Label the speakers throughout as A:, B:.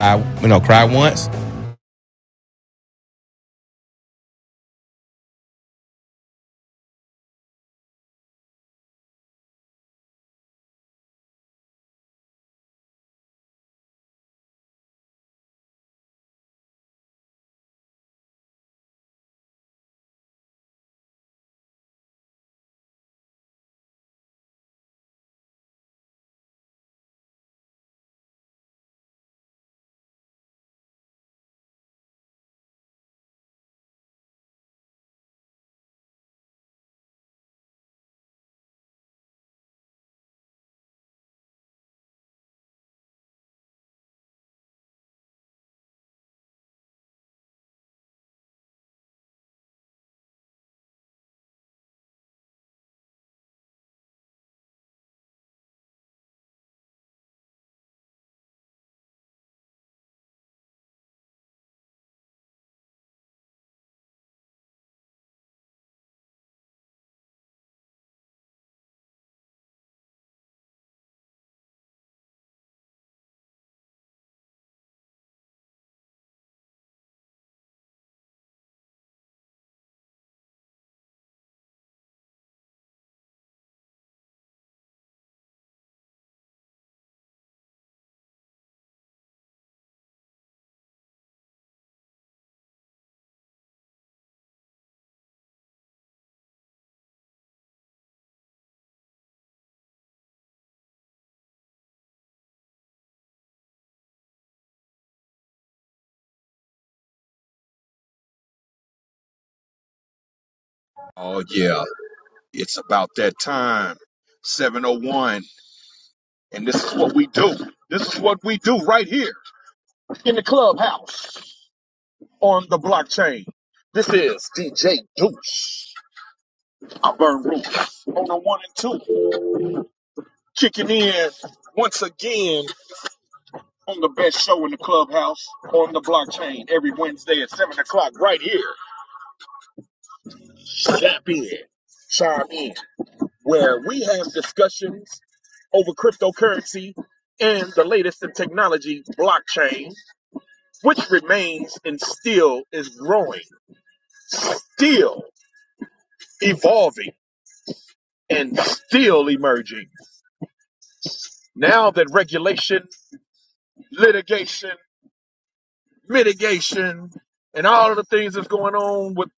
A: I, you know, cried once.
B: Oh yeah, it's about that time. 701. And this is what we do. This is what we do right here in the clubhouse on the blockchain. This is DJ Deuce. I burn roots on the one and two. Kicking in once again on the best show in the clubhouse on the blockchain every Wednesday at 7 o'clock right here. Zap in. Chime in. where we have discussions over cryptocurrency and the latest in technology, blockchain, which remains and still is growing, still evolving, and still emerging. Now that regulation, litigation, mitigation, and all of the things that's going on with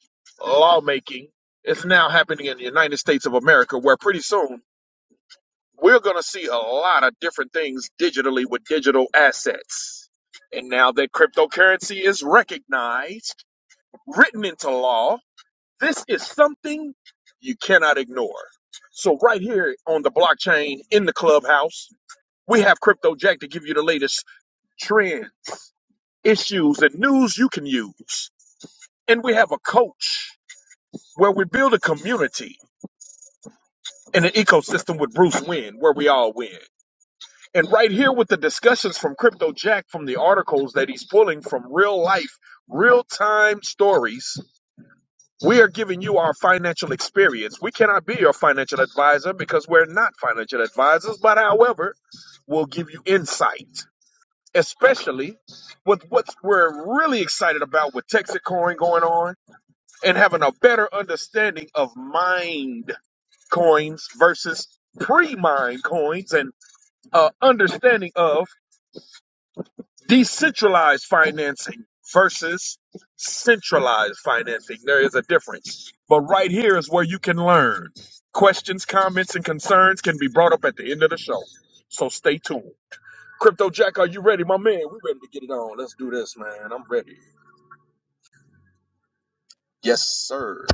B: lawmaking is now happening in the United States of America, where pretty soon we're going to see a lot of different things digitally with digital assets. And now that cryptocurrency is recognized, written into law, this is something you cannot ignore. So, right here on the blockchain in the clubhouse, we have Crypto Jack to give you the latest trends, issues, and news you can use. And we have a coach where we build a community and an ecosystem with Bruce Wynn, where we all win. And right here with the discussions from Crypto Jack from the articles that he's pulling from real life, real time stories, we are giving you our financial experience. We cannot be your financial advisor because we're not financial advisors, but however, we'll give you insight, especially with what we're really excited about with Texacoin going on and having a better understanding of mined coins versus pre mined coins and uh, understanding of Decentralized financing versus centralized financing. There is a difference. But right here is where you can learn. Questions, comments, and concerns can be brought up at the end of the show. So stay tuned. Crypto Jack, are you ready, my man? We ready to get it on. Let's do this, man. I'm ready. Yes, sir.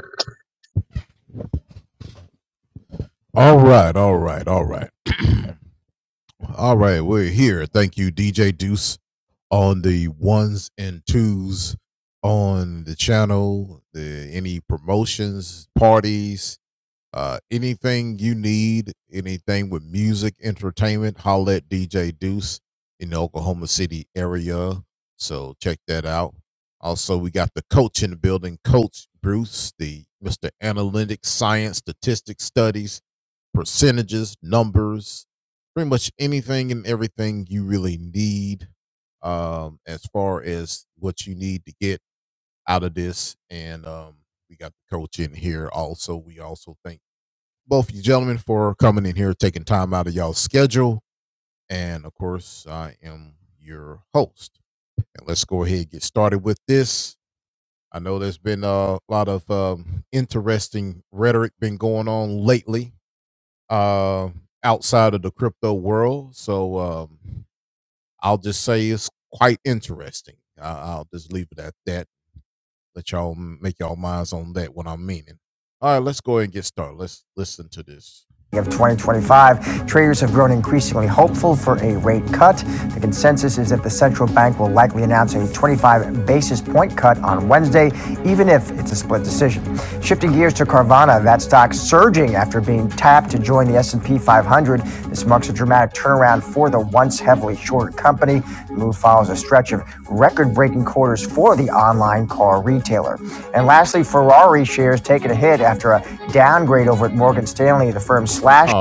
A: of 2025, traders have grown increasingly hopeful for a rate cut. The consensus is that the central bank will likely announce a 25 basis point cut on Wednesday, even if it's a split decision. Shifting gears to Carvana, that stock surging after being tapped to join the S&P 500. This marks a dramatic turnaround for the once heavily short company. The move follows a stretch of record-breaking quarters for the online car retailer. And lastly, Ferrari shares taken a hit after a downgrade over at Morgan Stanley. The firm slashed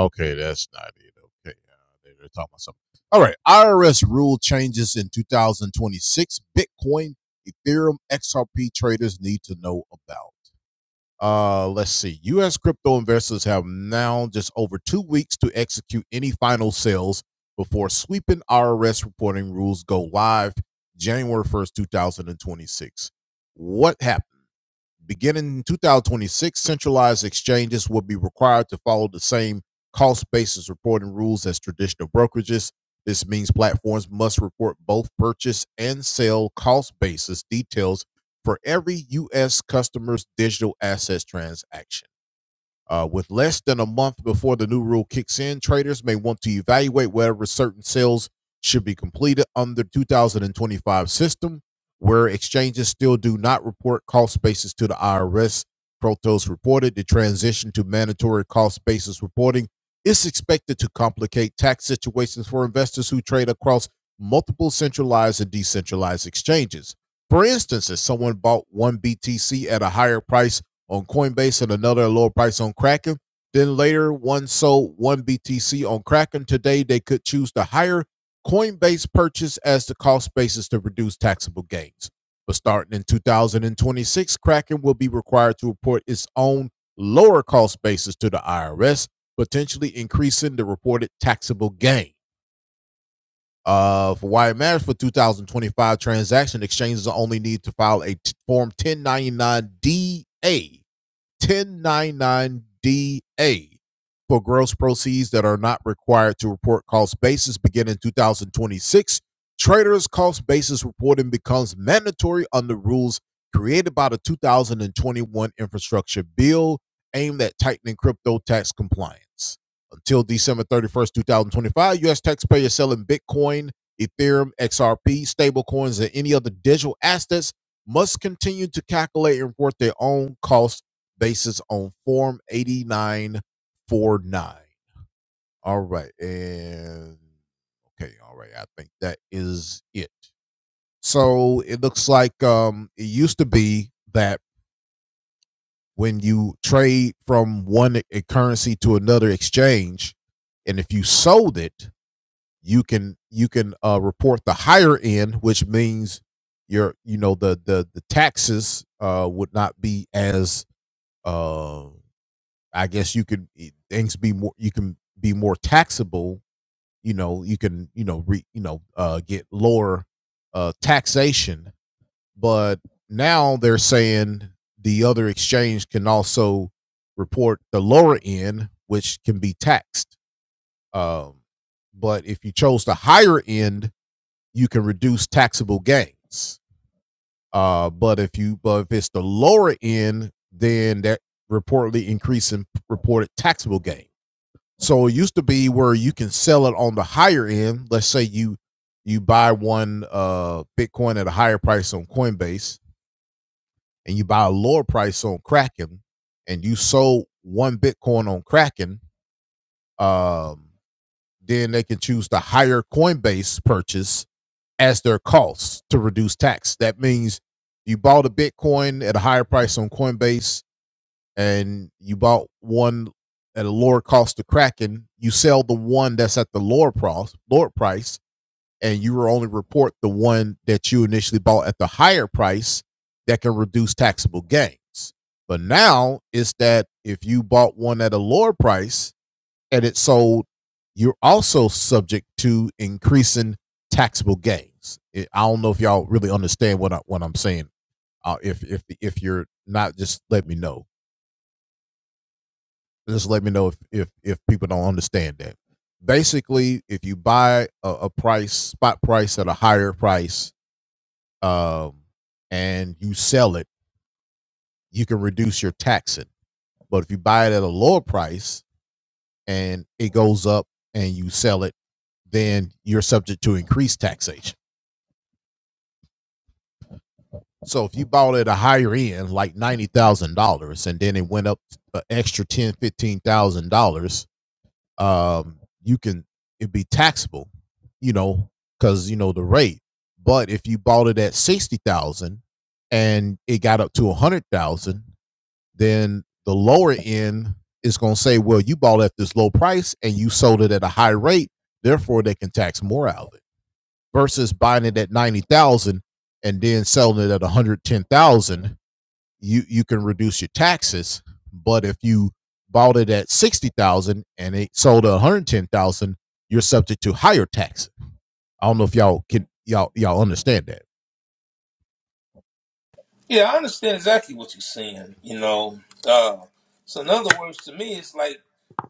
C: Yeah, I understand exactly what you're saying. You know, uh, so in other words, to me, it's like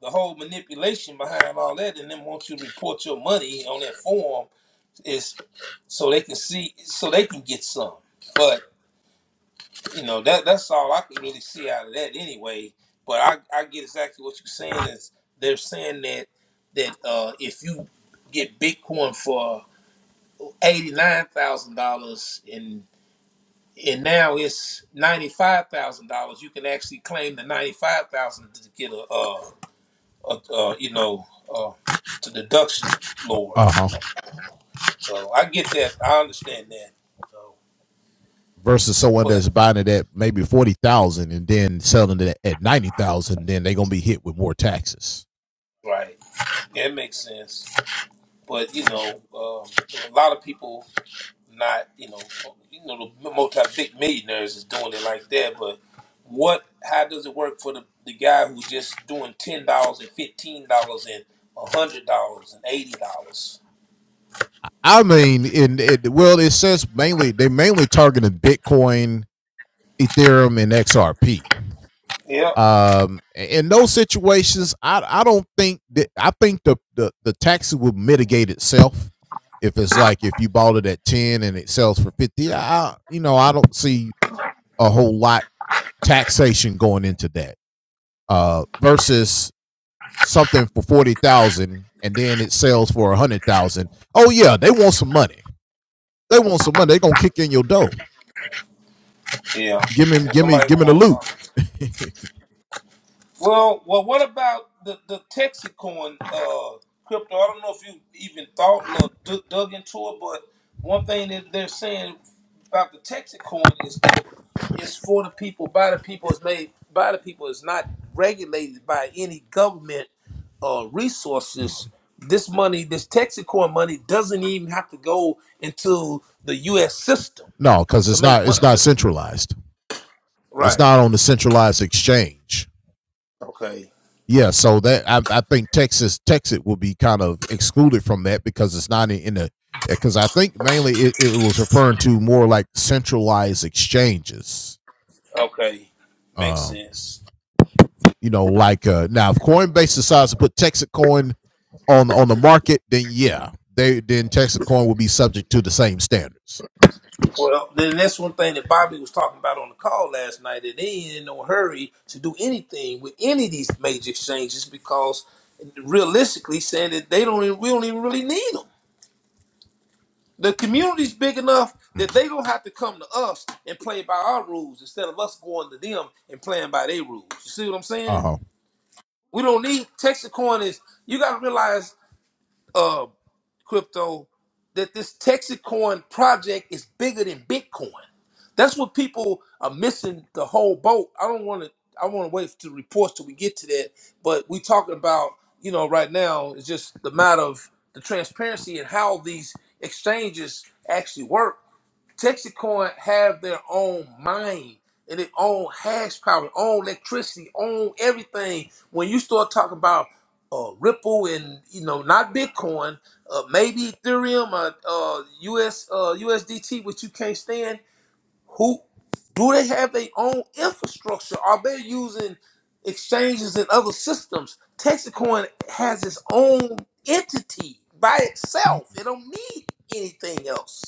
C: the whole manipulation behind all that, and then want you to report your money on that form is so they can see, so they can get some. But you know, that that's all I can really see out of that anyway. But I, I get exactly what you're saying. Is they're saying that that uh, if you get Bitcoin for eighty nine thousand dollars and now it's ninety five thousand dollars. You can actually claim the ninety five thousand to get a, uh, a, uh you know, uh, to deduction lower. So I get that. I understand that. So, but right, that makes sense. But you know, um, a lot of people. not you know you know the multi big millionaires is doing it like that, but what how does it work for the, the guy who's just doing ten dollars and fifteen dollars and a hundred dollars and eighty dollars? Yep. Yeah. So somebody gonna want some. Well, well, what about the the Texacoin uh, crypto? I don't know if you even thought or d- dug into it, but one thing that they're saying about the Texacoin is that it's for the people, by the people, it's made by the people. It's not regulated by any government uh, resources. This money, this Texacoin money, doesn't even have to go into the U.S. system to make money. to- right. Okay. Okay. Makes sense. Well, then that's one thing that Bobby was talking about on the call last night that they ain't in no hurry to do anything with any of these major exchanges because realistically saying that they don't even, we don't even really need them. The community's big enough that they don't have to come to us and play by our rules instead of us going to them and playing by their rules. You see what I'm saying? We don't need Texas Coin is you gotta realize uh crypto that this Texas coin project is bigger than Bitcoin. That's what people are missing the whole boat. I don't want to. I want to wait to reports till we get to that. But we talking about you know right now it's just the matter of the transparency and how these exchanges actually work. Texacoin have their own mind and their own hash power, own electricity, own everything. When you start talking about uh, Ripple and you know not Bitcoin, uh, maybe Ethereum or uh, US uh, USDT, which you can't stand, who do they have their own infrastructure? Are they using exchanges and other systems? Texacoin has its own entity by itself. It don't need anything else.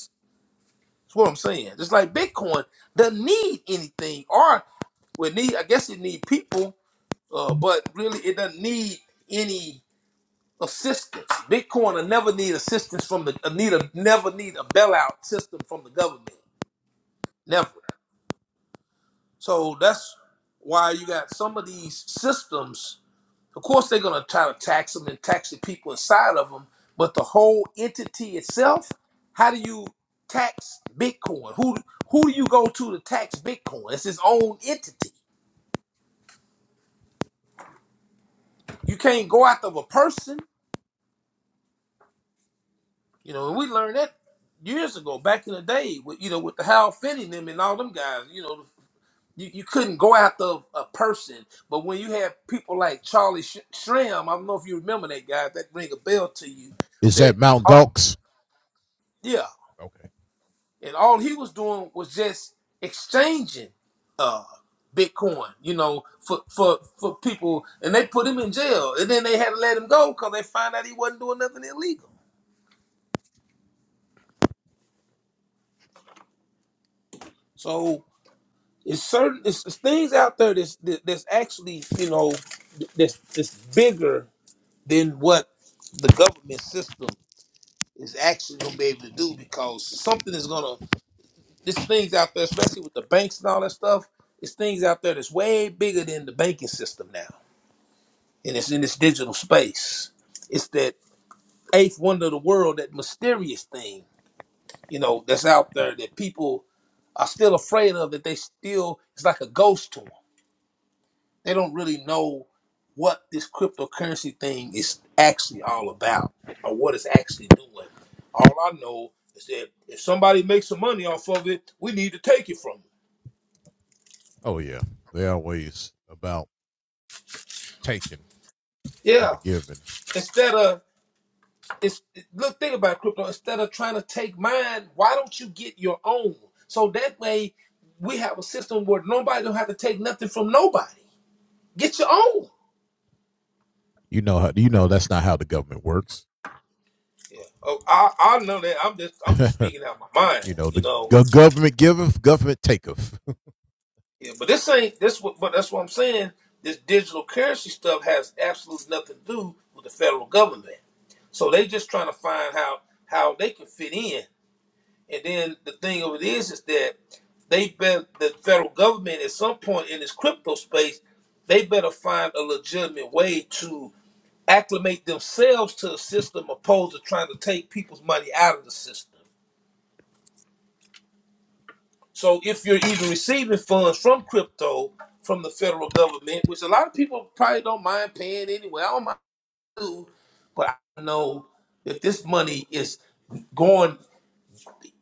C: That's what I'm saying. Just like Bitcoin doesn't need anything, or we need. I guess it need people, uh, but really it doesn't need any assistance. Bitcoin will never need assistance from the uh, need a never need a bailout system from the government. Never. So that's why you got some of these systems Of course, they're going to try to tax them and tax the people inside of them, but the whole entity itself, how do you tax Bitcoin? Who who do you go to to tax Bitcoin? It's its own entity. You can't go after a person. You know, and we learned that years ago, back in the day, with you know, with the Hal Finney and them and all them guys. You know, you, you couldn't go after a person, but when you have people like Charlie Sh- Shram, I don't know if you remember that guy. If that ring a bell to you. That oh, yeah, and all he was doing was just exchanging uh bitcoin you know for for for people and they put him in jail and then they had to let him go because they find out he wasn't doing nothing illegal so it's certain it's, it's things out there that's that- that's actually you know that's that's bigger than what the government system is actually gonna be able to do because something is gonna there's things out there especially with the banks and all that stuff it's things out there that's way bigger than the banking system now and it's in this digital space. It's that eighth wonder of the world, that mysterious thing, you know, that's out there that people are still afraid of. That they still, it's like a ghost to them. They don't really know what this cryptocurrency thing is actually all about or what it's actually doing. All I know is that if somebody makes some money off of it, we need to take it from them. Yeah. Instead of it's look think about crypto instead of trying to take mine why don't you get your own so that way we have a system where nobody don't have to take nothing from nobody get your own yeah oh i i know that i'm just i'm just speaking out my mind you know yeah but this ain't this what but that's what i'm saying this digital currency stuff has absolutely nothing to do with the federal government so they just trying to find how how they can fit in And then the thing of it is, is that they bet the federal government at some point in this crypto space, they better find a legitimate way to acclimate themselves to a system opposed to trying to take people's money out of the system. So if you're even receiving funds from crypto from the federal government, which a lot of people probably don't mind paying anyway, I don't mind, too, but I know that this money is going.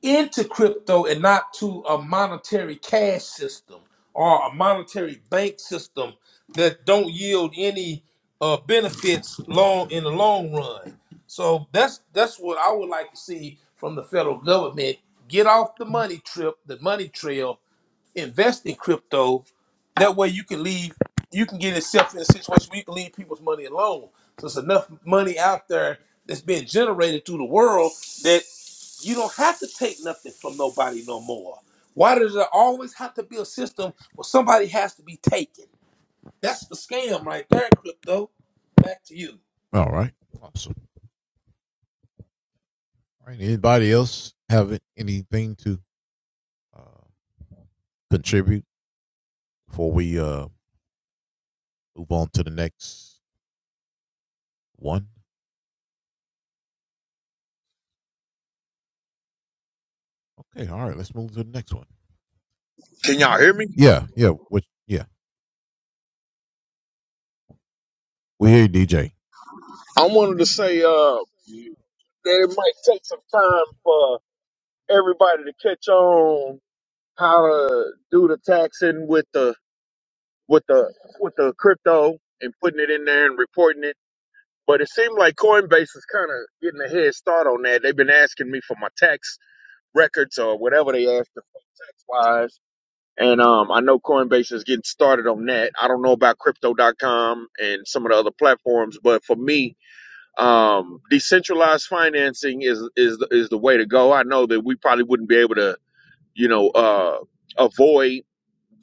C: into crypto and not to a monetary cash system or a monetary bank system that don't yield any uh, benefits long in the long run. So that's that's what I would like to see from the federal government. Get off the money trip, the money trail, invest in crypto. That way you can leave, you can get yourself in a situation where you can leave people's money alone. So it's enough money out there that's being generated through the world that you don't have to take nothing from nobody no more. Why does there always have to be a system where somebody has to be taken? That's the scam right there, crypto. Back to you.
B: Can y'all hear me? I wanted to say, uh, there's some time for everybody to catch on how to do the taxing with the with the with the crypto and putting it in there and reporting it. But it seemed like Coinbase is kind of getting a head start on that. They've been asking me for my tax records or whatever they asked for tax wise. And um, I know Coinbase is getting started on that. I don't know about crypto.com and some of the other platforms, but for me, um, decentralized financing is is is the way to go. I know that we probably wouldn't be able to, you know, uh, avoid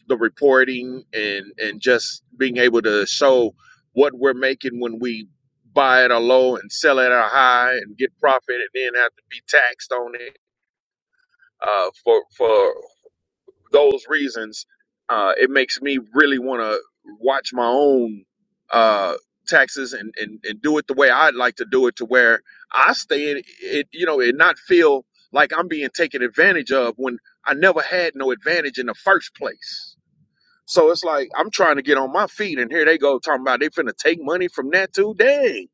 B: the reporting and and just being able to show what we're making when we buy at a low and sell at a high and get profit and then have to be taxed on it uh, for for those reasons uh, it makes me really want to watch my own uh, taxes and, and and do it the way I'd like to do it to where I stay in it you know and not feel like I'm being taken advantage of when I never had no advantage in the first place so it's like I'm trying to get on my feet, and here they go talking about they finna take money from that too. Dang,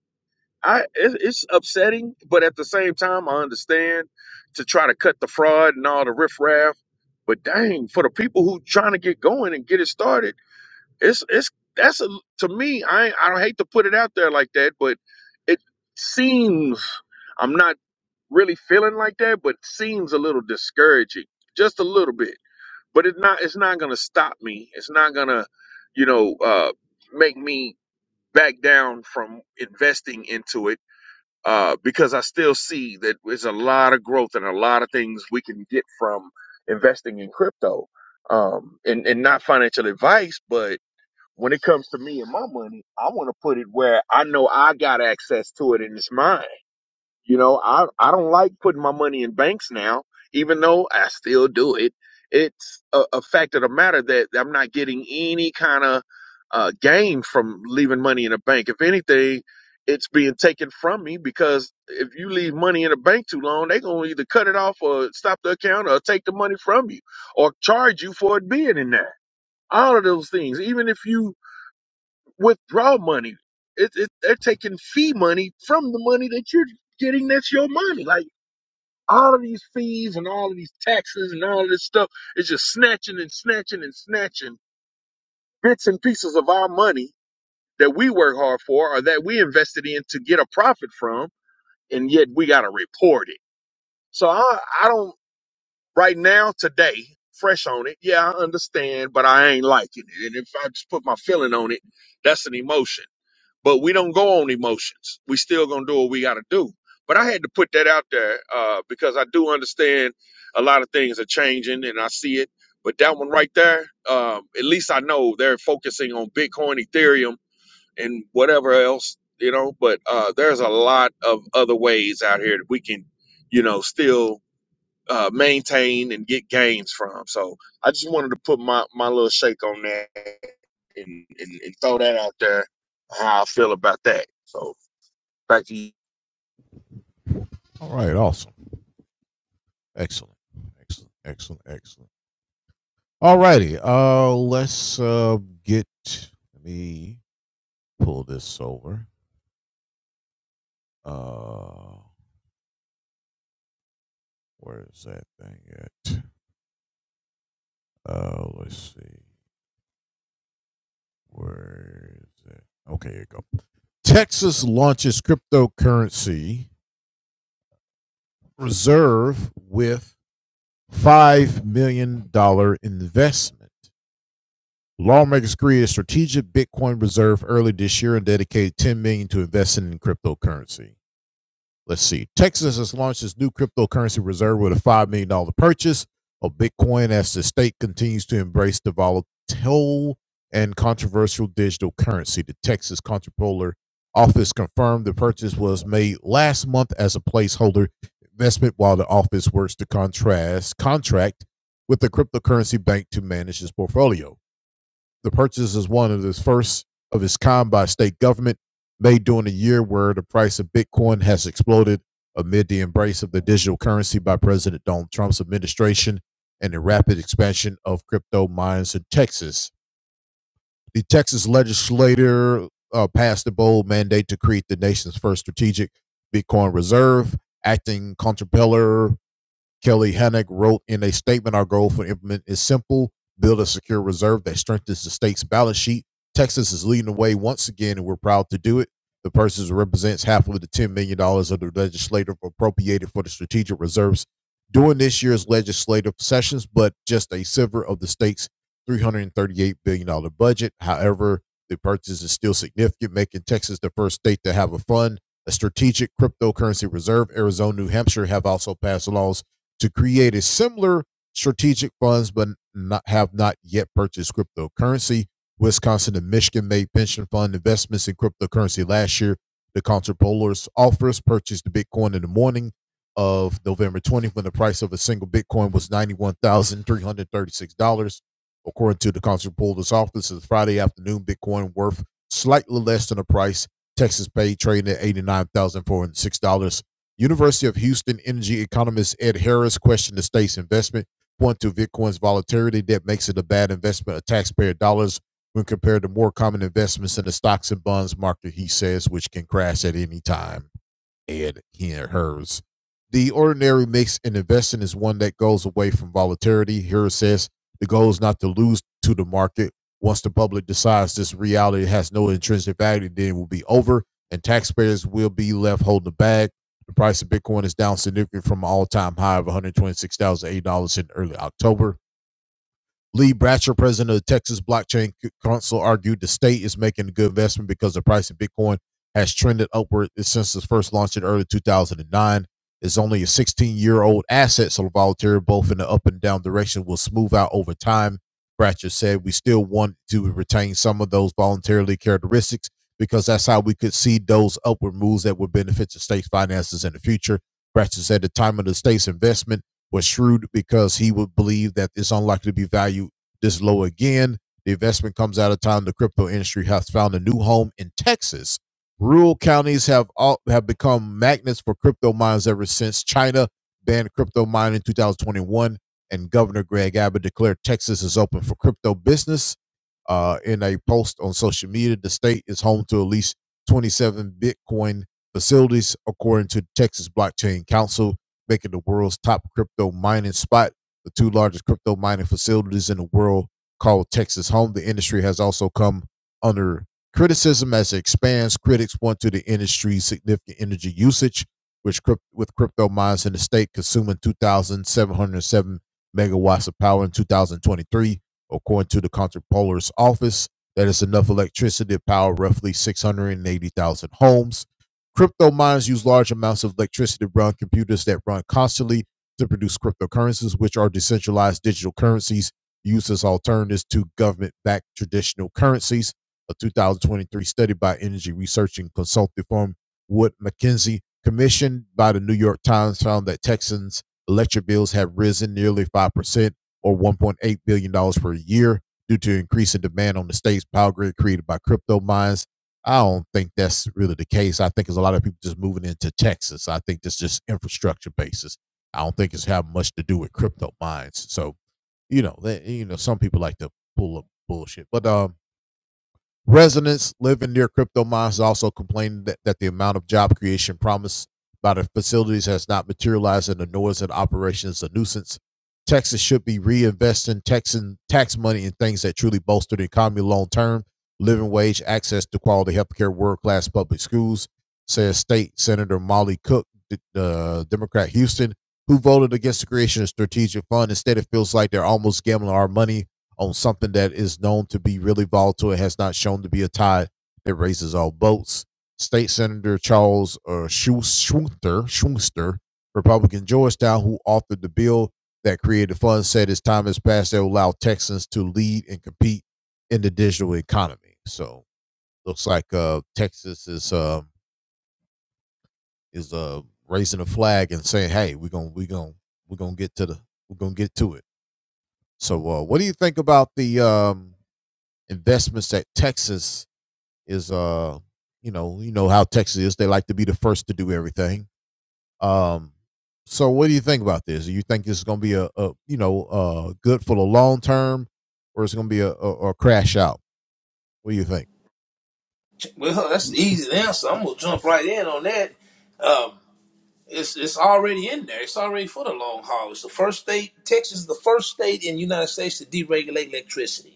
B: I it, it's upsetting, but at the same time, I understand to try to cut the fraud and all the riffraff. But dang, for the people who trying to get going and get it started, it's it's that's a, to me. I I don't hate to put it out there like that, but it seems I'm not really feeling like that, but it seems a little discouraging, just a little bit but it's not it's not gonna stop me it's not gonna you know uh make me back down from investing into it uh because i still see that there's a lot of growth and a lot of things we can get from investing in crypto um and, and not financial advice but when it comes to me and my money i want to put it where i know i got access to it and it's mine you know, I, I don't like putting my money in banks now, even though I still do it. It's a, a fact of the matter that I'm not getting any kind of uh, gain from leaving money in a bank. If anything, it's being taken from me because if you leave money in a bank too long, they're going to either cut it off or stop the account or take the money from you or charge you for it being in there. All of those things. Even if you withdraw money. It, it, they're taking fee money from the money that you're getting that's your money. Like all of these fees and all of these taxes and all of this stuff is just snatching and snatching and snatching bits and pieces of our money that we work hard for or that we invested in to get a profit from, and yet we got to report it. So I, I don't, right now, today, fresh on it, yeah, I understand, but I ain't liking it. And if I just put my feeling on it, that's an emotion but we don't go on emotions. We still gonna do what we gotta do. But I had to put that out there uh, because I do understand a lot of things are changing and I see it. But that one right there, um, at least I know they're focusing on Bitcoin, Ethereum, and whatever else, you know. But uh, there's a lot of other ways out here that we can, you know, still uh, maintain and get gains from. So I just wanted to put my, my little shake on that and, and, and throw that out there how I feel about that. So back to you.
C: Well, that's the easy answer. I'm gonna jump right in on that. Um, It's it's already in there. It's already for the long haul. It's the first state. Texas is the first state in the United States to deregulate electricity.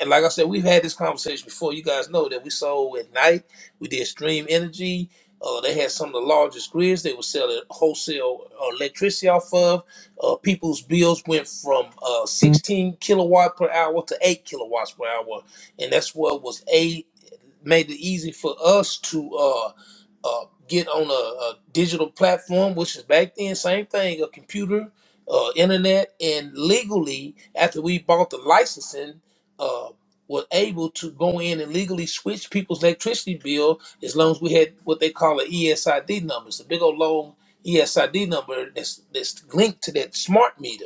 C: And like I said, we've had this conversation before. You guys know that we sold at night. We did Stream Energy. Uh, they had some of the largest grids. They were selling wholesale uh, electricity off of. Uh, people's bills went from uh, 16 kilowatt per hour to 8 kilowatts per hour, and that's what was a made it easy for us to. uh, uh, get on a, a digital platform, which is back then same thing, a computer, uh, internet, and legally after we bought the licensing, uh, was able to go in and legally switch people's electricity bill as long as we had what they call an ESID number. It's a big old long ESID number that's that's linked to that smart meter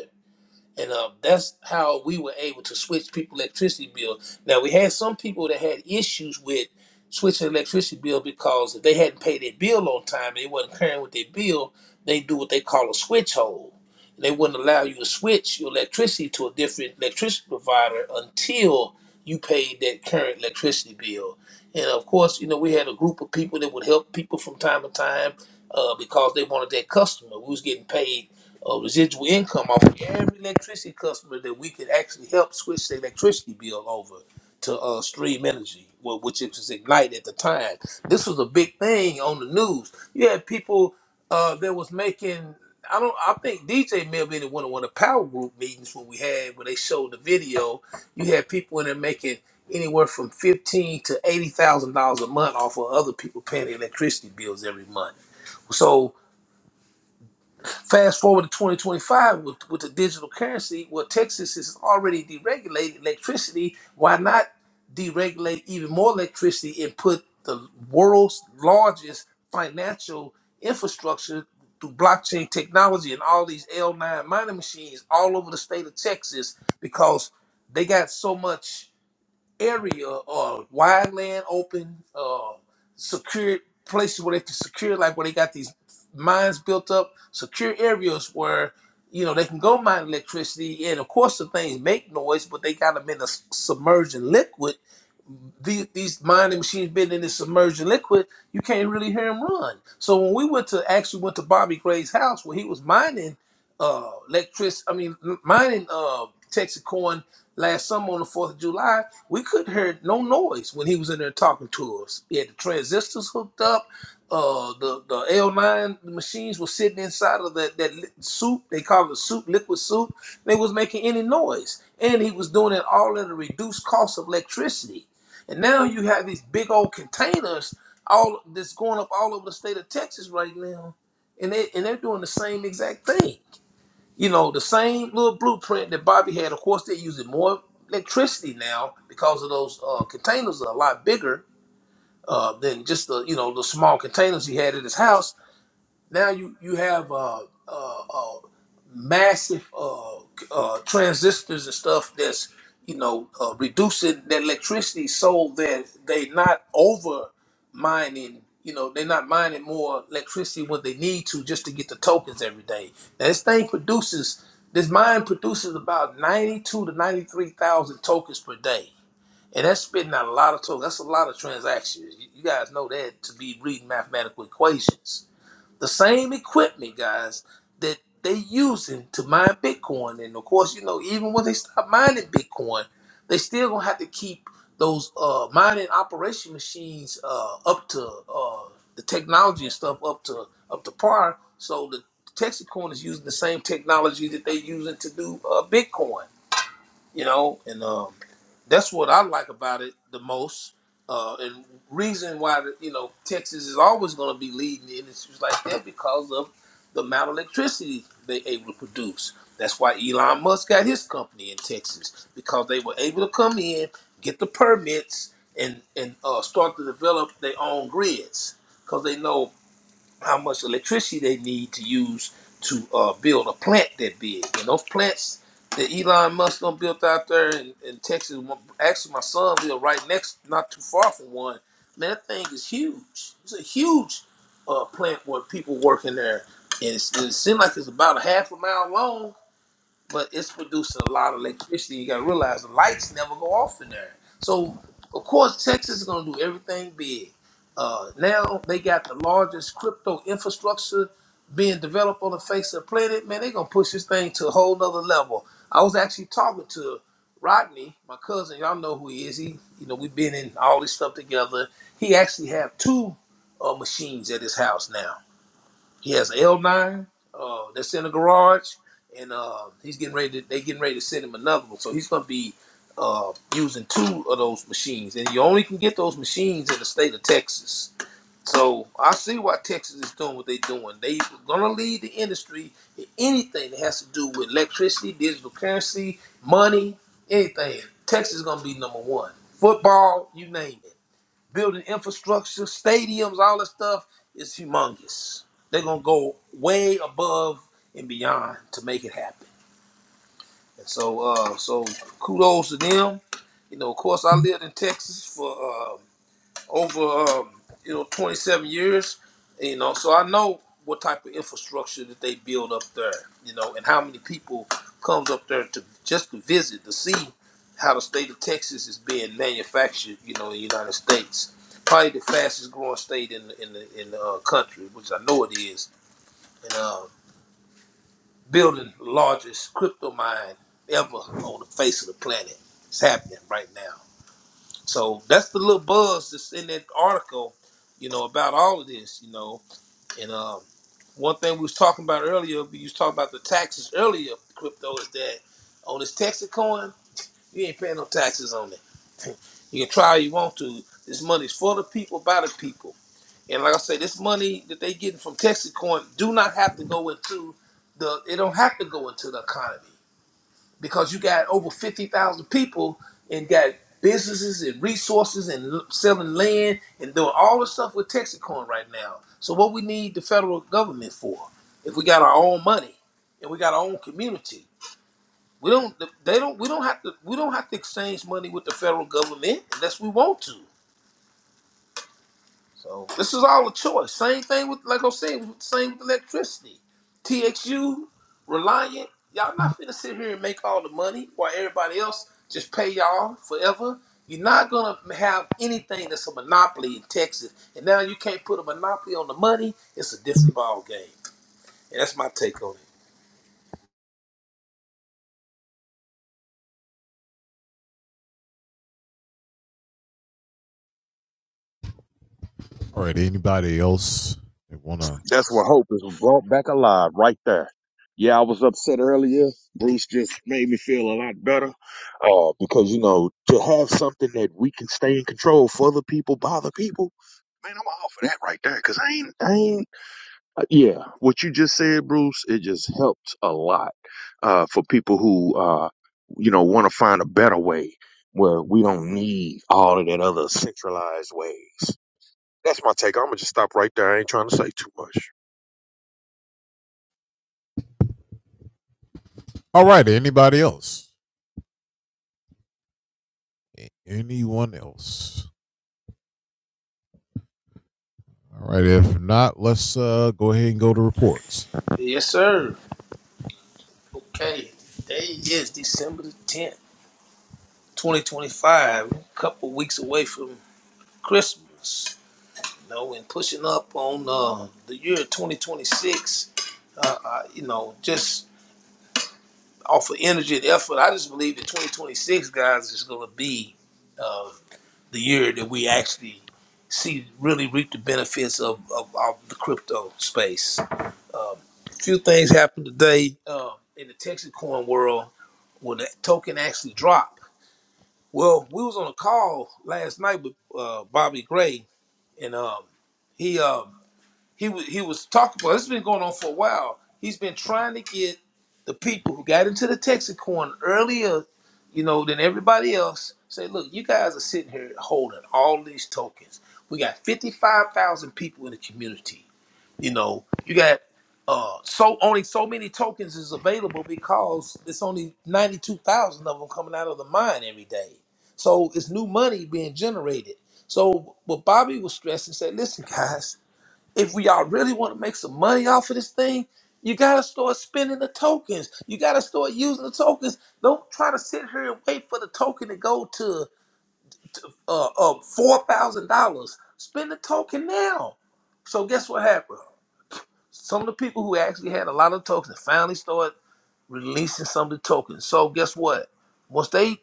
C: and uh, that's how we were able to switch people electricity bill. Now we had some people that had issues with switching electricity bill because if they hadn't paid their bill on time, they wasn't carrying with their bill. They do what they call a switch hole. They wouldn't allow you to switch your electricity to a different electricity provider until you paid that current electricity bill. And of course, you know we had a group of people that would help people from time to time uh, because they wanted their customer. We was getting paid uh, residual income off of every electricity customer that we could actually help switch the electricity bill over to uh, Stream Energy, wh- which it was Ignite at the time. This was a big thing on the news. You had people uh, that was making. I don't. I think DJ may have been in one of one of the power group meetings when we had when they showed the video. You had people in there making anywhere from fifteen to eighty thousand dollars a month off of other people paying their electricity bills every month. So Fast forward to 2025 with, with the digital currency, well, Texas is already deregulated electricity. Why not deregulate even more electricity and put the world's largest financial infrastructure through blockchain technology and all these L9 mining machines all over the state of Texas because they got so much area or wide land open, uh, secured places where they can secure, like where they got these mines built up, secure areas where you know they can go mine electricity. And of course, the things make noise, but they got them in a s- submerging liquid these, these mining machines been in this submerged liquid, you can't really hear him run. So when we went to actually went to Bobby Gray's house where he was mining uh electric, I mean mining uh Texas corn last summer on the Fourth of July, we couldn't hear no noise when he was in there talking to us. He had the transistors hooked up. Uh, the the L9 machines were sitting inside of that that li- soup. They call it soup, liquid soup. They was making any noise, and he was doing it all at a reduced cost of electricity. And now you have these big old containers all that's going up all over the state of Texas right now. And they and they're doing the same exact thing. You know, the same little blueprint that Bobby had. Of course, they're using more electricity now because of those uh, containers are a lot bigger uh, than just the you know the small containers he had at his house now you you have uh, uh, uh, massive uh, uh, transistors and stuff that's you know uh, reducing the electricity so that they are not over mining. You know they're not mining more electricity when they need to just to get the tokens every day. Now this thing produces this mine produces about ninety two to ninety three thousand tokens per day. And that's spitting out a lot of tokens. That's a lot of transactions. You you guys know that to be reading mathematical equations the same equipment, guys, that they using to mine Bitcoin. And of course, you know, even when they stop mining Bitcoin, they still gonna have to keep those uh, mining operation machines uh, up to uh, the technology and stuff up to up to par. So the Texas coin is using the same technology that they using to do uh, Bitcoin you know, and um, that's what I like about it the most. Uh, and reason why the, you know Texas is always going to be leading in issues like that because of the amount of electricity they able to produce. That's why Elon Musk got his company in Texas because they were able to come in, get the permits, and and uh, start to develop their own grids because they know how much electricity they need to use to uh, build a plant that big. And those plants that Elon Musk done built out there in, in Texas, actually my son lived right next, not too far from one. Man, that thing is huge. It's a huge uh, plant where people work in there. And it's, it seems like it's about a half a mile long but it's producing a lot of electricity. You gotta realize the lights never go off in there. So of course Texas is gonna do everything big. Uh, now they got the largest crypto infrastructure being developed on the face of the planet. Man, they're gonna push this thing to a whole nother level. I was actually talking to Rodney, my cousin, y'all know who he is. He, you know, we've been in all this stuff together. He actually have two uh, machines at his house now he has L9 uh, that's in the garage, and uh, he's getting ready. To, they getting ready to send him another one, so he's going to be uh, using two of those machines. And you only can get those machines in the state of Texas. So I see why Texas is doing what they're doing. They're going to lead the industry in anything that has to do with electricity, digital currency, money, anything. Texas is going to be number one. Football, you name it building infrastructure, stadiums, all that stuff is humongous. They're gonna go way above and beyond to make it happen. And so, uh, so kudos to them. You know, of course, I lived in Texas for uh, over um, you know 27 years you know so i know what type of infrastructure that they build up there you know and how many people comes up there to just to visit to see how the state of texas is being manufactured you know in the united states probably the fastest growing state in the in the, in the uh, country which i know it is and uh, building the largest crypto mine ever on the face of the planet it's happening right now so that's the little buzz that's in that article, you know, about all of this, you know. And um, one thing we was talking about earlier, we was talking about the taxes earlier, crypto is that on this Texas coin, you ain't paying no taxes on it. You can try all you want to. This money's for the people, by the people. And like I say, this money that they getting from Texas coin do not have to go into the. It don't have to go into the economy because you got over 50,000 people and got businesses and resources and l- selling land and doing all the stuff with Texacorn right now. So what we need the federal government for if we got our own money and we got our own community. We don't they don't we don't have to we don't have to exchange money with the federal government unless we want to. So this is all a choice. Same thing with like i was saying, same with electricity. TXU, Reliant, y'all not finna sit here and make all the money while everybody else just pay y'all forever. You're not gonna have anything that's a monopoly in Texas. And now you can't put a monopoly on the money. It's a different ball game. And that's my take on it.
B: That's where hope is brought back alive right there. Yeah, I was upset earlier. Bruce just made me feel a lot better. Uh, because you know, to have something that we can stay in control for the people, by the people, man, I'm all for that right there. Cause I ain't, I ain't Uh, Yeah, what you just said, Bruce, it just helped a lot uh, for people who, uh, you know, want to find a better way where we don't need all of that other centralized ways. That's my take. I'm gonna just stop right there. I ain't trying to say too much.
C: Yes, sir. Okay. Today is December the 10th, 2025. A couple weeks away from Christmas. you know, and pushing up on uh, the year 2026, uh, uh, you know, just off of energy and effort, I just believe that 2026, guys, is going to be uh, the year that we actually see really reap the benefits of, of, of the crypto space. Um, a few things happened today uh, in the Texas coin world when the token actually dropped. Well, we was on a call last night with uh, Bobby Gray, and um, he um, he wa- he was talking about. It's been going on for a while. He's been trying to get the people who got into the Texacorn earlier, you know, than everybody else. Say, look, you guys are sitting here holding all these tokens. We got fifty-five thousand people in the community. You know, you got uh so only so many tokens is available because it's only ninety-two thousand of them coming out of the mine every day. So it's new money being generated. So what Bobby was stressing said, listen, guys if we all really want to make some money off of this thing, you gotta start spending the tokens. You gotta start using the tokens. Don't try to sit here and wait for the token to go to uh, uh four thousand dollars. Spend the token now. So guess what happened? Some of the people who actually had a lot of tokens finally started releasing some of the tokens. So guess what? Once they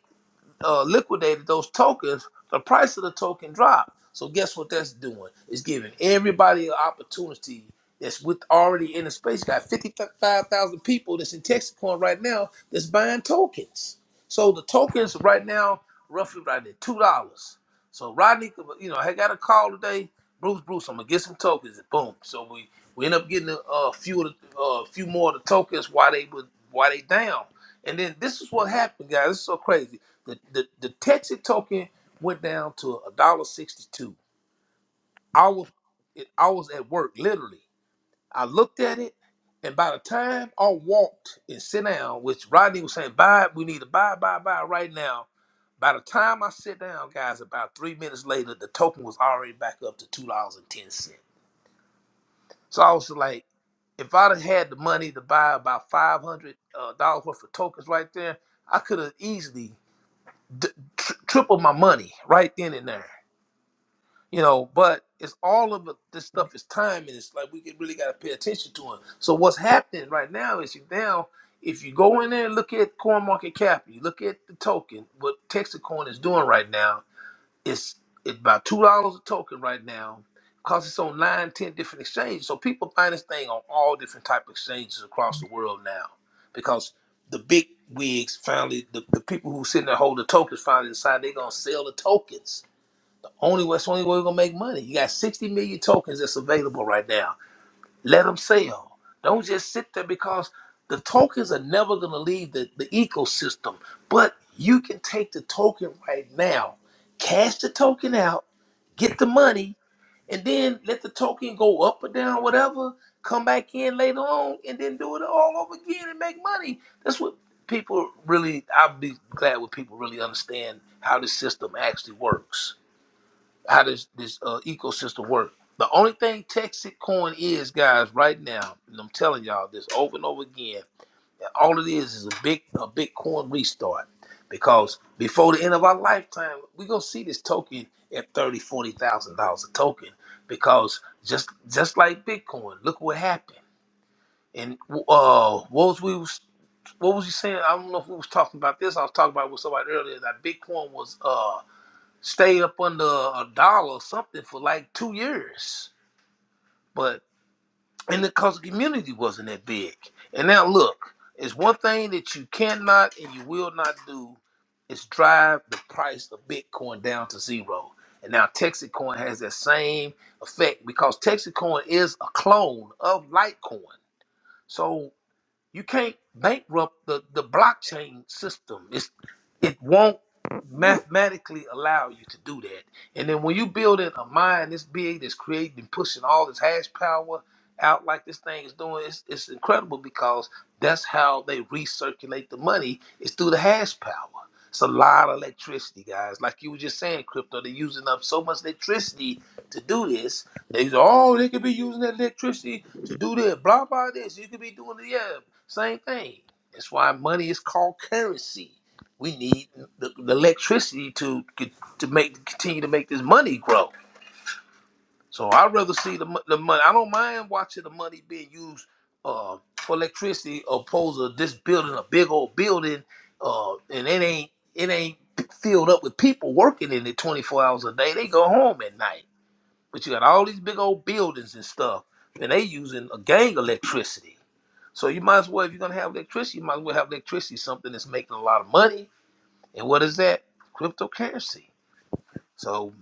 C: uh, liquidated those tokens, the price of the token dropped. So guess what that's doing? It's giving everybody an opportunity that's with already in the space. You got 55,000 people that's in Texacoin right now that's buying tokens. So the tokens right now, roughly right at $2. So Rodney, you know, I got a call today. Bruce, Bruce, I'm gonna get some tokens. And boom. So we we end up getting a, a few of the, uh, a few more of the tokens while they were while they down. And then this is what happened, guys. This is so crazy. The the, the Texas token went down to a dollar sixty two. I was it, I was at work literally. I looked at it, and by the time I walked and sit down, which Rodney was saying, buy, we need to buy, buy, buy right now. By the time I sit down, guys, about three minutes later, the token was already back up to two dollars and ten cents. So I was like, if I'd have had the money to buy about five hundred uh, dollars worth of tokens right there, I could have easily d- tr- triple my money right then and there. You know, but it's all of it- this stuff is time, and it's like we get- really got to pay attention to it. So what's happening right now is you now, if you go in there and look at coin market cap, you look at the token, what Texas Coin is doing right now, it's it's about two dollars a token right now. Cause it's on nine, ten different exchanges. So people find this thing on all different type of exchanges across the world now. Because the big wigs finally the, the people who sitting there holding the tokens finally decide they're gonna sell the tokens. Only way- it's the only way we're gonna make money. You got 60 million tokens that's available right now. Let them sell. Don't just sit there because the tokens are never gonna leave the, the ecosystem. But you can take the token right now, cash the token out get the money, and then let the token go up or down, whatever. Come back in later on, and then do it all over again and make money. That's what people really. I'll be glad when people really understand how this system actually works, how this this uh, ecosystem works. The only thing Texas Coin is, guys, right now, and I'm telling y'all this over and over again all it is is a big a Bitcoin restart. Because before the end of our lifetime, we're gonna see this token at thirty, forty thousand dollars a token. Because just just like Bitcoin, look what happened. And uh what was we was what was you saying? I don't know if we was talking about this. I was talking about with somebody earlier that Bitcoin was uh stay up under a dollar or something for like two years. But and because the community wasn't that big. And now look, it's one thing that you cannot and you will not do is drive the price of Bitcoin down to zero. And now Texacoin has that same effect because Texacoin is a clone of Litecoin. So you can't bankrupt the, the blockchain system. It's it won't mathematically allow you to do that. And then when you build in a mine this big that's creating and pushing all this hash power out like this thing is doing, it's, it's incredible because that's how they recirculate the money is through the hash power. It's a lot of electricity, guys. Like you were just saying, crypto, they're using up so much electricity to do this. They say, oh, they could be using that electricity to do this, blah, blah, this. You could be doing it, yeah. Same thing. That's why money is called currency. We need the, the electricity to to make continue to make this money grow. So I'd rather see the mo- the money. I don't mind watching the money being used uh, for electricity, opposed to just building a big old building, uh, and it ain't it ain't filled up with people working in it 24 hours a day. They go home at night. But you got all these big old buildings and stuff, and they using a gang electricity. So you might as well, if you're gonna have electricity, you might as well have electricity, something that's making a lot of money. And what is that? Cryptocurrency. So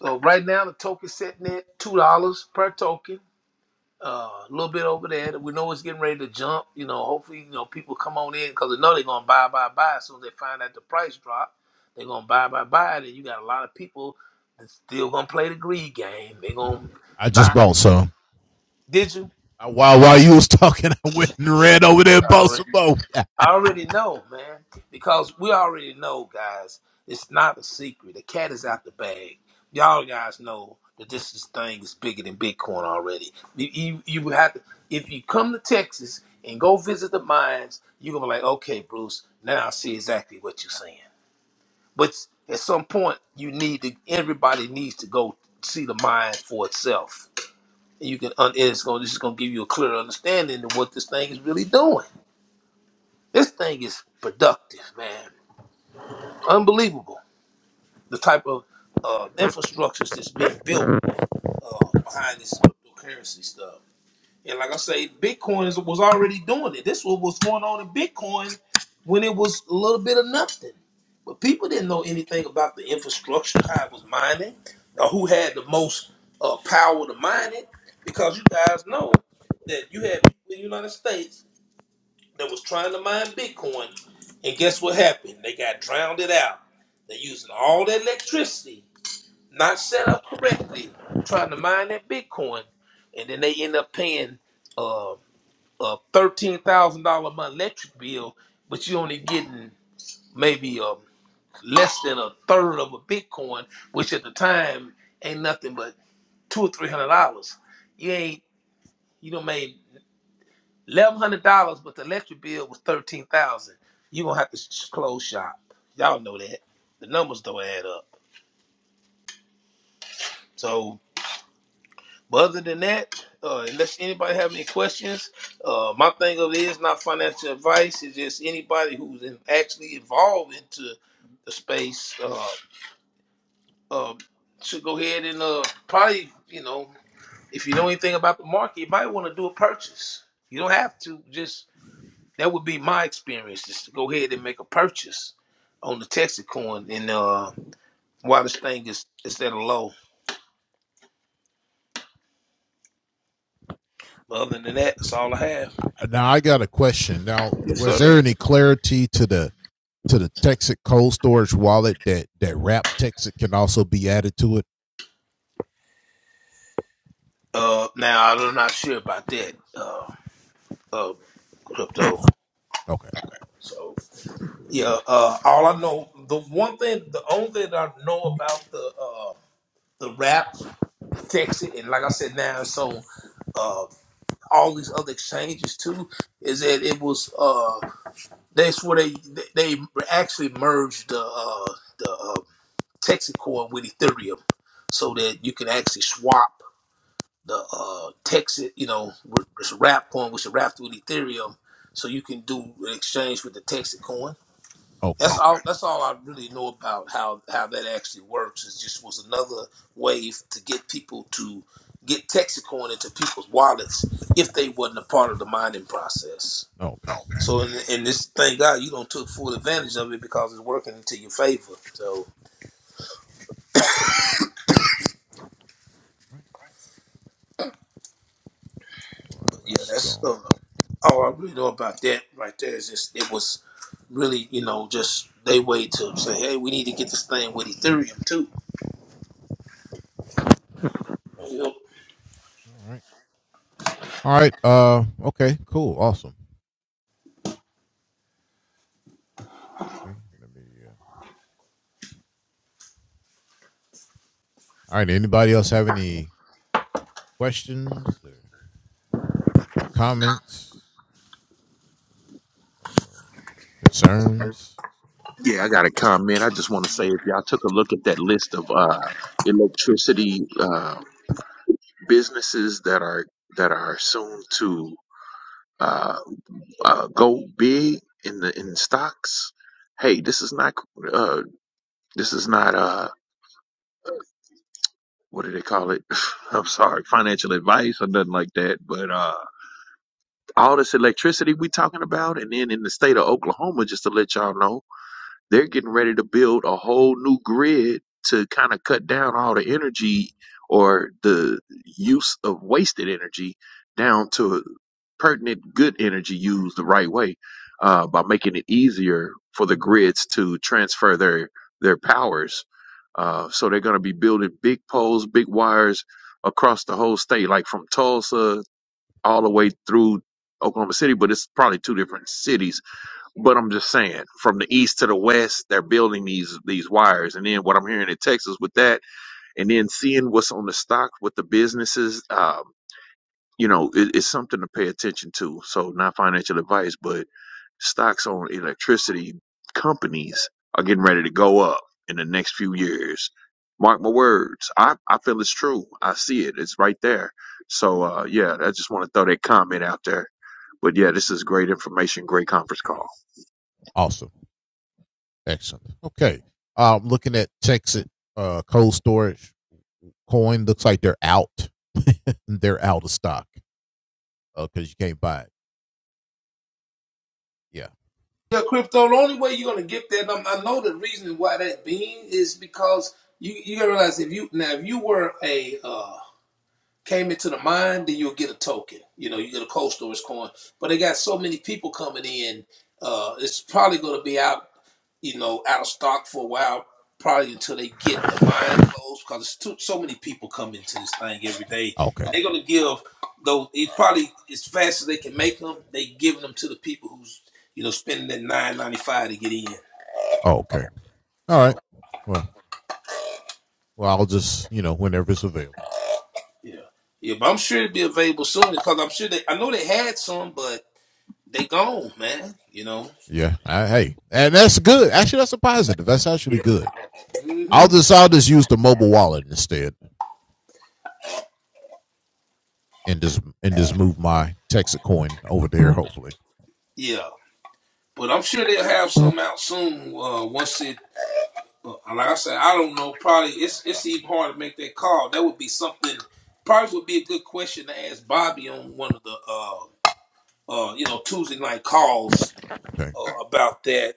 C: so right now the token's sitting at two dollars per token. Uh, a little bit over there. We know it's getting ready to jump. You know, hopefully, you know, people come on in because they know they're gonna buy, buy, buy. As soon as they find out the price drop, they're gonna buy, buy, buy. And you got a lot of people that's still gonna play the greed game. They're gonna buy. Did you? I Already. I already know, man, because we already know, guys. It's not a secret. The cat is out the bag. Y'all guys know that this is, thing is bigger than Bitcoin already. You, you, you would have to, if you come to Texas and go visit the mines, you're gonna be like, okay, Bruce, now I see exactly what you're saying. But at some point, you need to. Everybody needs to go see the mine for itself. And you can, un- it's gonna, this is gonna give you a clear understanding of what this thing is really doing. This thing is productive, man. Unbelievable. The type of uh, infrastructures that's being built uh, behind this cryptocurrency stuff. And like I say, Bitcoin is- was already doing it. This was what's going on in Bitcoin when it was a little bit of nothing. But people didn't know anything about the infrastructure, how it was mining, or who had the most uh, power to mine it. Because you guys know that you have people in the United States that was trying to mine Bitcoin, and guess what happened? They got drowned it out. They're using all that electricity, not set up correctly, trying to mine that Bitcoin, and then they end up paying uh, a thirteen thousand dollar month electric bill, but you only getting maybe um less than a third of a Bitcoin, which at the time ain't nothing but two or three hundred dollars. You ain't you don't made. Eleven hundred dollars, but the electric bill was thirteen thousand. You gonna have to sh- close shop. Y'all know that. The numbers don't add up. So, but other than that, uh, unless anybody have any questions, uh, my thing of it is not financial advice. It's just anybody who's in, actually involved into the space uh, uh, should go ahead and uh, probably you know if you know anything about the market, you might want to do a purchase. You don't have to just That would be my experience is to go ahead and make a purchase on the Texacoin and uh while this thing is is at a low. But other than that, that's all I have. Yes, sir. Uh now I'm not sure about that, uh uh crypto. So yeah, uh all I know the one thing the only thing that I know about the uh the rap Texas and like I said now so uh all these other exchanges too is that it was Uh, That's where they they actually merged the uh, the uh, Texacore with Ethereum, so that you can actually swap the uh, Texas, you know, with- with wrap coin, which is wrapped with Ethereum, so you can do an exchange with the Texas That's all. Okay. That's all I really know about how how that actually works. It just was another way to get people to get Texas into people's wallets if they wasn't a part of the mining process. So in, in this, thank God you don't took full advantage of it because it's working into your favor. So but yeah, that's uh, all I really know about that right there. Is just it was really you know just they way to say hey we need to get this thing with Ethereum too. You know?
B: Yeah, I got a comment. I just want to say if y'all took a look at that list of uh, electricity uh, businesses that are that are soon to uh, uh, go big in the in stocks. Hey, this is not. This is not uh what do they call it? I'm sorry, financial advice or nothing like that. But uh all this electricity we talking about and then in the state of Oklahoma, just to let y'all know. they're getting ready to build a whole new grid to kind of cut down all the energy or the use of wasted energy down to pertinent good energy used the right way uh, by making it easier for the grids to transfer their their powers. Uh, so they're going to be building big poles, big wires across the whole state, like from Tulsa all the way through Oklahoma City, but it's probably two different cities but I'm just saying, from the east to the west, they're building these these wires, and then what I'm hearing in Texas with that, and then seeing what's on the stock with the businesses, um, you know, it, it's something to pay attention to. So not financial advice, but stocks on electricity companies are getting ready to go up in the next few years. Mark my words, I I feel it's true. I see it. It's right there. So uh, yeah, I just want to throw that comment out there. But yeah, this is great information, great conference call.
C: Yeah, crypto. The only way you're gonna get that, um, I know the reason why that being is because you you gotta realize if you now if you were a uh, came into the mine, then you'll get a token. You know, you get a cold storage coin. But they got so many people coming in, uh, it's probably going to be out, you know, out of stock for a while, probably until they get the mine closed because it's too, so many people come into this thing every day. And they're going to give, though, it probably as fast as they can make them, they giving them to the people who's, you know, spending that nine ninety five to get in. So, yeah. Yeah, but I'm sure it'll be available soon because I'm sure they, I know they had some, but they gone, man. You know, Yeah. hmm Yeah. But I'm sure they'll have some out soon. Uh, once it, uh, like I said, I don't know. Probably it's it's even hard to make that call. That would be something. Probably would be a good question to ask Bobby on one of the uh, uh, you know Tuesday night calls uh, about that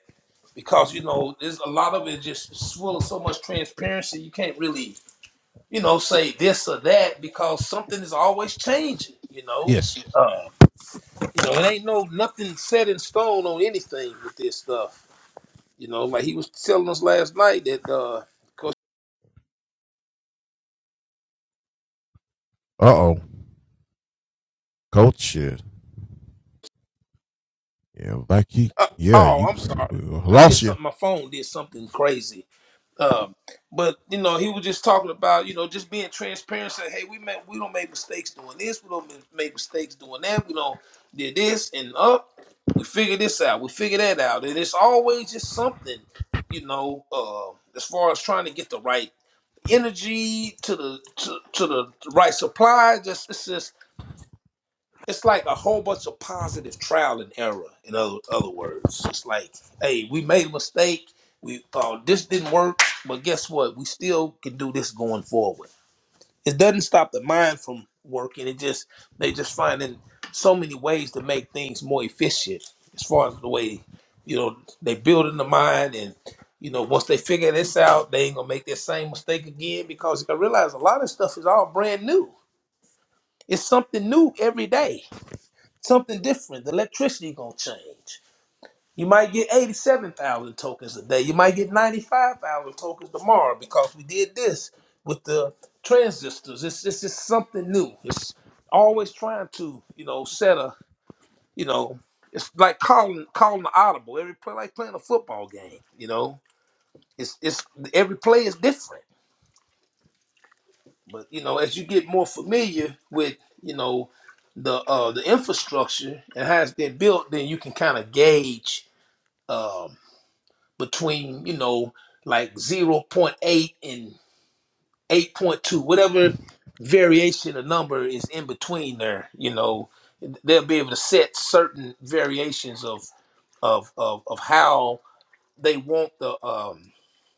C: because you know there's a lot of it just full of so much transparency. You can't really you know say this or that because something is always changing. You know, uh, you know it ain't no nothing set in stone on anything with this stuff You know, like he was telling us last night that uh, cause uh, oh, I'm sorry, I did something. My phone did something crazy. Um, but you know, he was just talking about you know just being transparent. Saying, hey, we make we don't make mistakes doing this. We don't ma- make mistakes doing that. We don't did this and up. We figure this out. We figure that out. And it's always just something, you know, uh, as far as trying to get the right energy to the to, to the right supply. Just it's just it's like a whole bunch of positive trial and error. In other other words, it's like, hey, we made a mistake. We uh, this didn't work, but guess what? We still can do this going forward. It doesn't stop the mind from working. It just they just finding so many ways to make things more efficient as far as the way you know they building the mind and. You know, once they figure this out, they ain't gonna make that same mistake again because I realize a lot of stuff is all brand new. It's something new every day something different. The electricity gonna change. You might get eighty-seven thousand tokens a day. You might get ninety-five thousand tokens tomorrow because we did this with the transistors. It's it's just something new. It's always trying to you know set a you know it's like calling calling the audible. Every play like playing a football game. You know it's it's every play is different. But you know as you get more familiar with you know the uh the infrastructure and how it's been built, then you can kind of gauge um, between you know like zero point 0.8 and 8.2 whatever variation of number is in between there you know they'll be able to set certain variations of of of, of how they want the um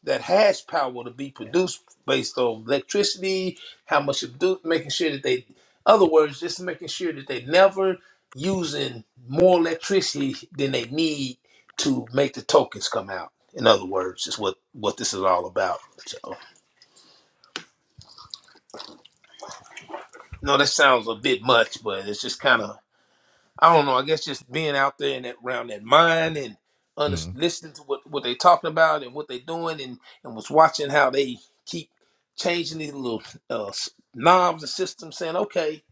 C: that hash power to be produced based on electricity, how much it do making sure that they other words, just making sure that they never using more electricity than they need to make the tokens come out. In other words, is what what this is all about. So, no, that sounds a bit much, but it's just kind of I don't know. I guess just being out there and that, around that mine and under, listening to what, what they talking about and what they doing and, and was watching how they keep changing these little uh, s- knobs and systems saying, okay,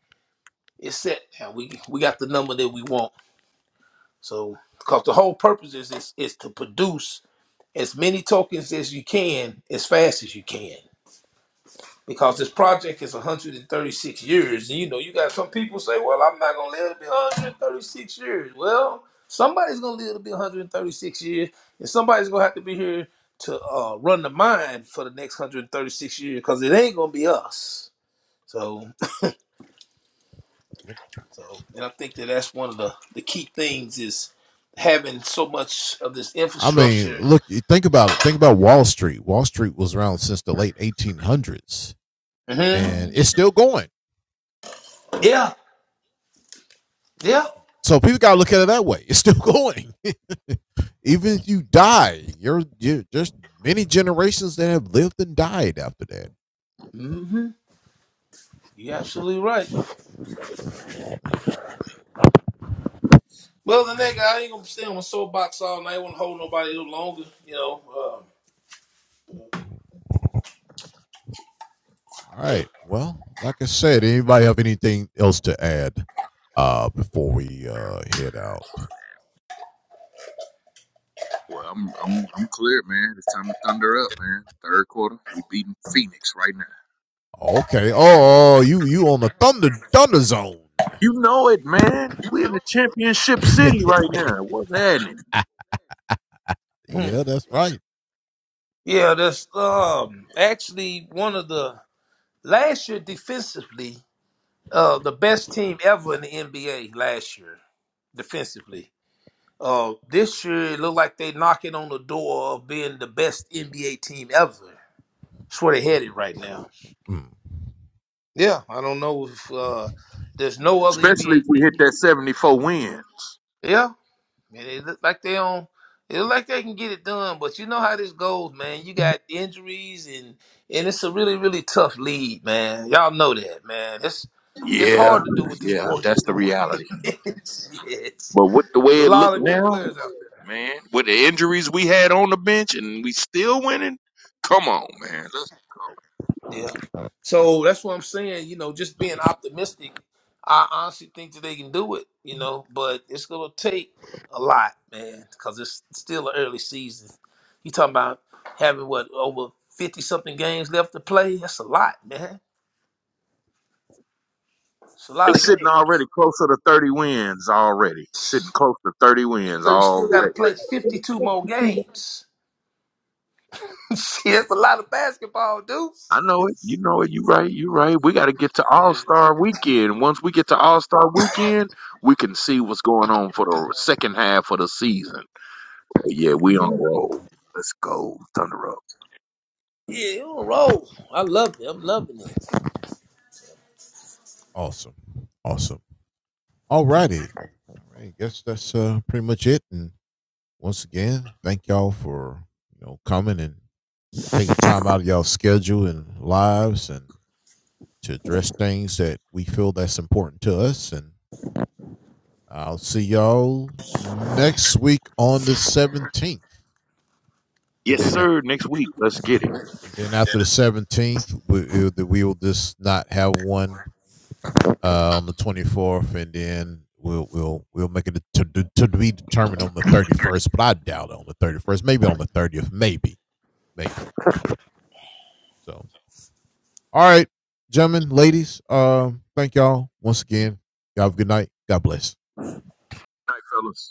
C: it's set now. We we got the number that we want. So, because the whole purpose is, is is to produce as many tokens as you can as fast as you can because this project is 136 years. And you know, you got some people say, well, I'm not going to live to be 136 years. Well, somebody's going to live to be 136 years, and somebody's going to have to be here to uh, run the mine for the next 136 years because it ain't going to be us. So, so, and I think that that's one of the, the key things is having so much of this infrastructure. hmm Yeah, yeah. hmm You're absolutely right. Well, the nigga, I ain't gonna stay on my soapbox all night. I won't hold nobody no longer. You know.
B: Well, I'm I'm I'm clear, man. It's time to thunder up, man. Third quarter, we beating Phoenix right now. You know it, man. We're in the championship city right now. What's happening?
C: Um, yeah, that's um actually one of the last year defensively, uh, the best team ever in the NBA last year defensively. Uh, this year it looked like they knocking on the door of being the best NBA team ever. That's where they headed right now. Yeah, I don't know if uh, there's no other
B: Especially
C: NBA
B: if we
C: team.
B: hit that 74 win.
C: Yeah, Man, they look like they on. It look like they can get it done, but you know how this goes, man. You got injuries, and and it's a really really tough lead, man. Y'all know that, man. It's it's
B: Yeah,
C: hard to do what these
B: yeah,
C: boys is
B: that's the
C: doing.
B: reality.
C: Shit.
B: But with the
C: There's
B: way
C: a
B: it
C: lot
B: looked
C: of good
B: now,
C: players out there.
B: man, with the injuries we had on the bench and we still winning, come on, man. Let's,
C: Yeah. So that's what I'm saying. You know, just being optimistic. I honestly think that they can do it. You know, but it's gonna take a lot, man, because it's still an early season. You talking about having what over fifty something games left to play? That's a lot, man. It's a
B: they
C: lot of
B: sitting
C: games.
B: already closer to 30 wins already. Sitting close to 30 wins
C: So you still got to
B: already.
C: play fifty-two more games. See, that's a lot of basketball, dudes.
B: I know it. You know it. You right. You right. We got to get to All
C: Yeah,
B: Star Weekend. Once we get to All Star Weekend, we can see what's going on for the second half of the season. But yeah, we on a
C: Mhm.
B: roll. Let's go, Thunder Up.
C: Yeah, on a roll. I love it. I'm loving it.
B: Yes, sir. Next week, let's get it. Night, fellas.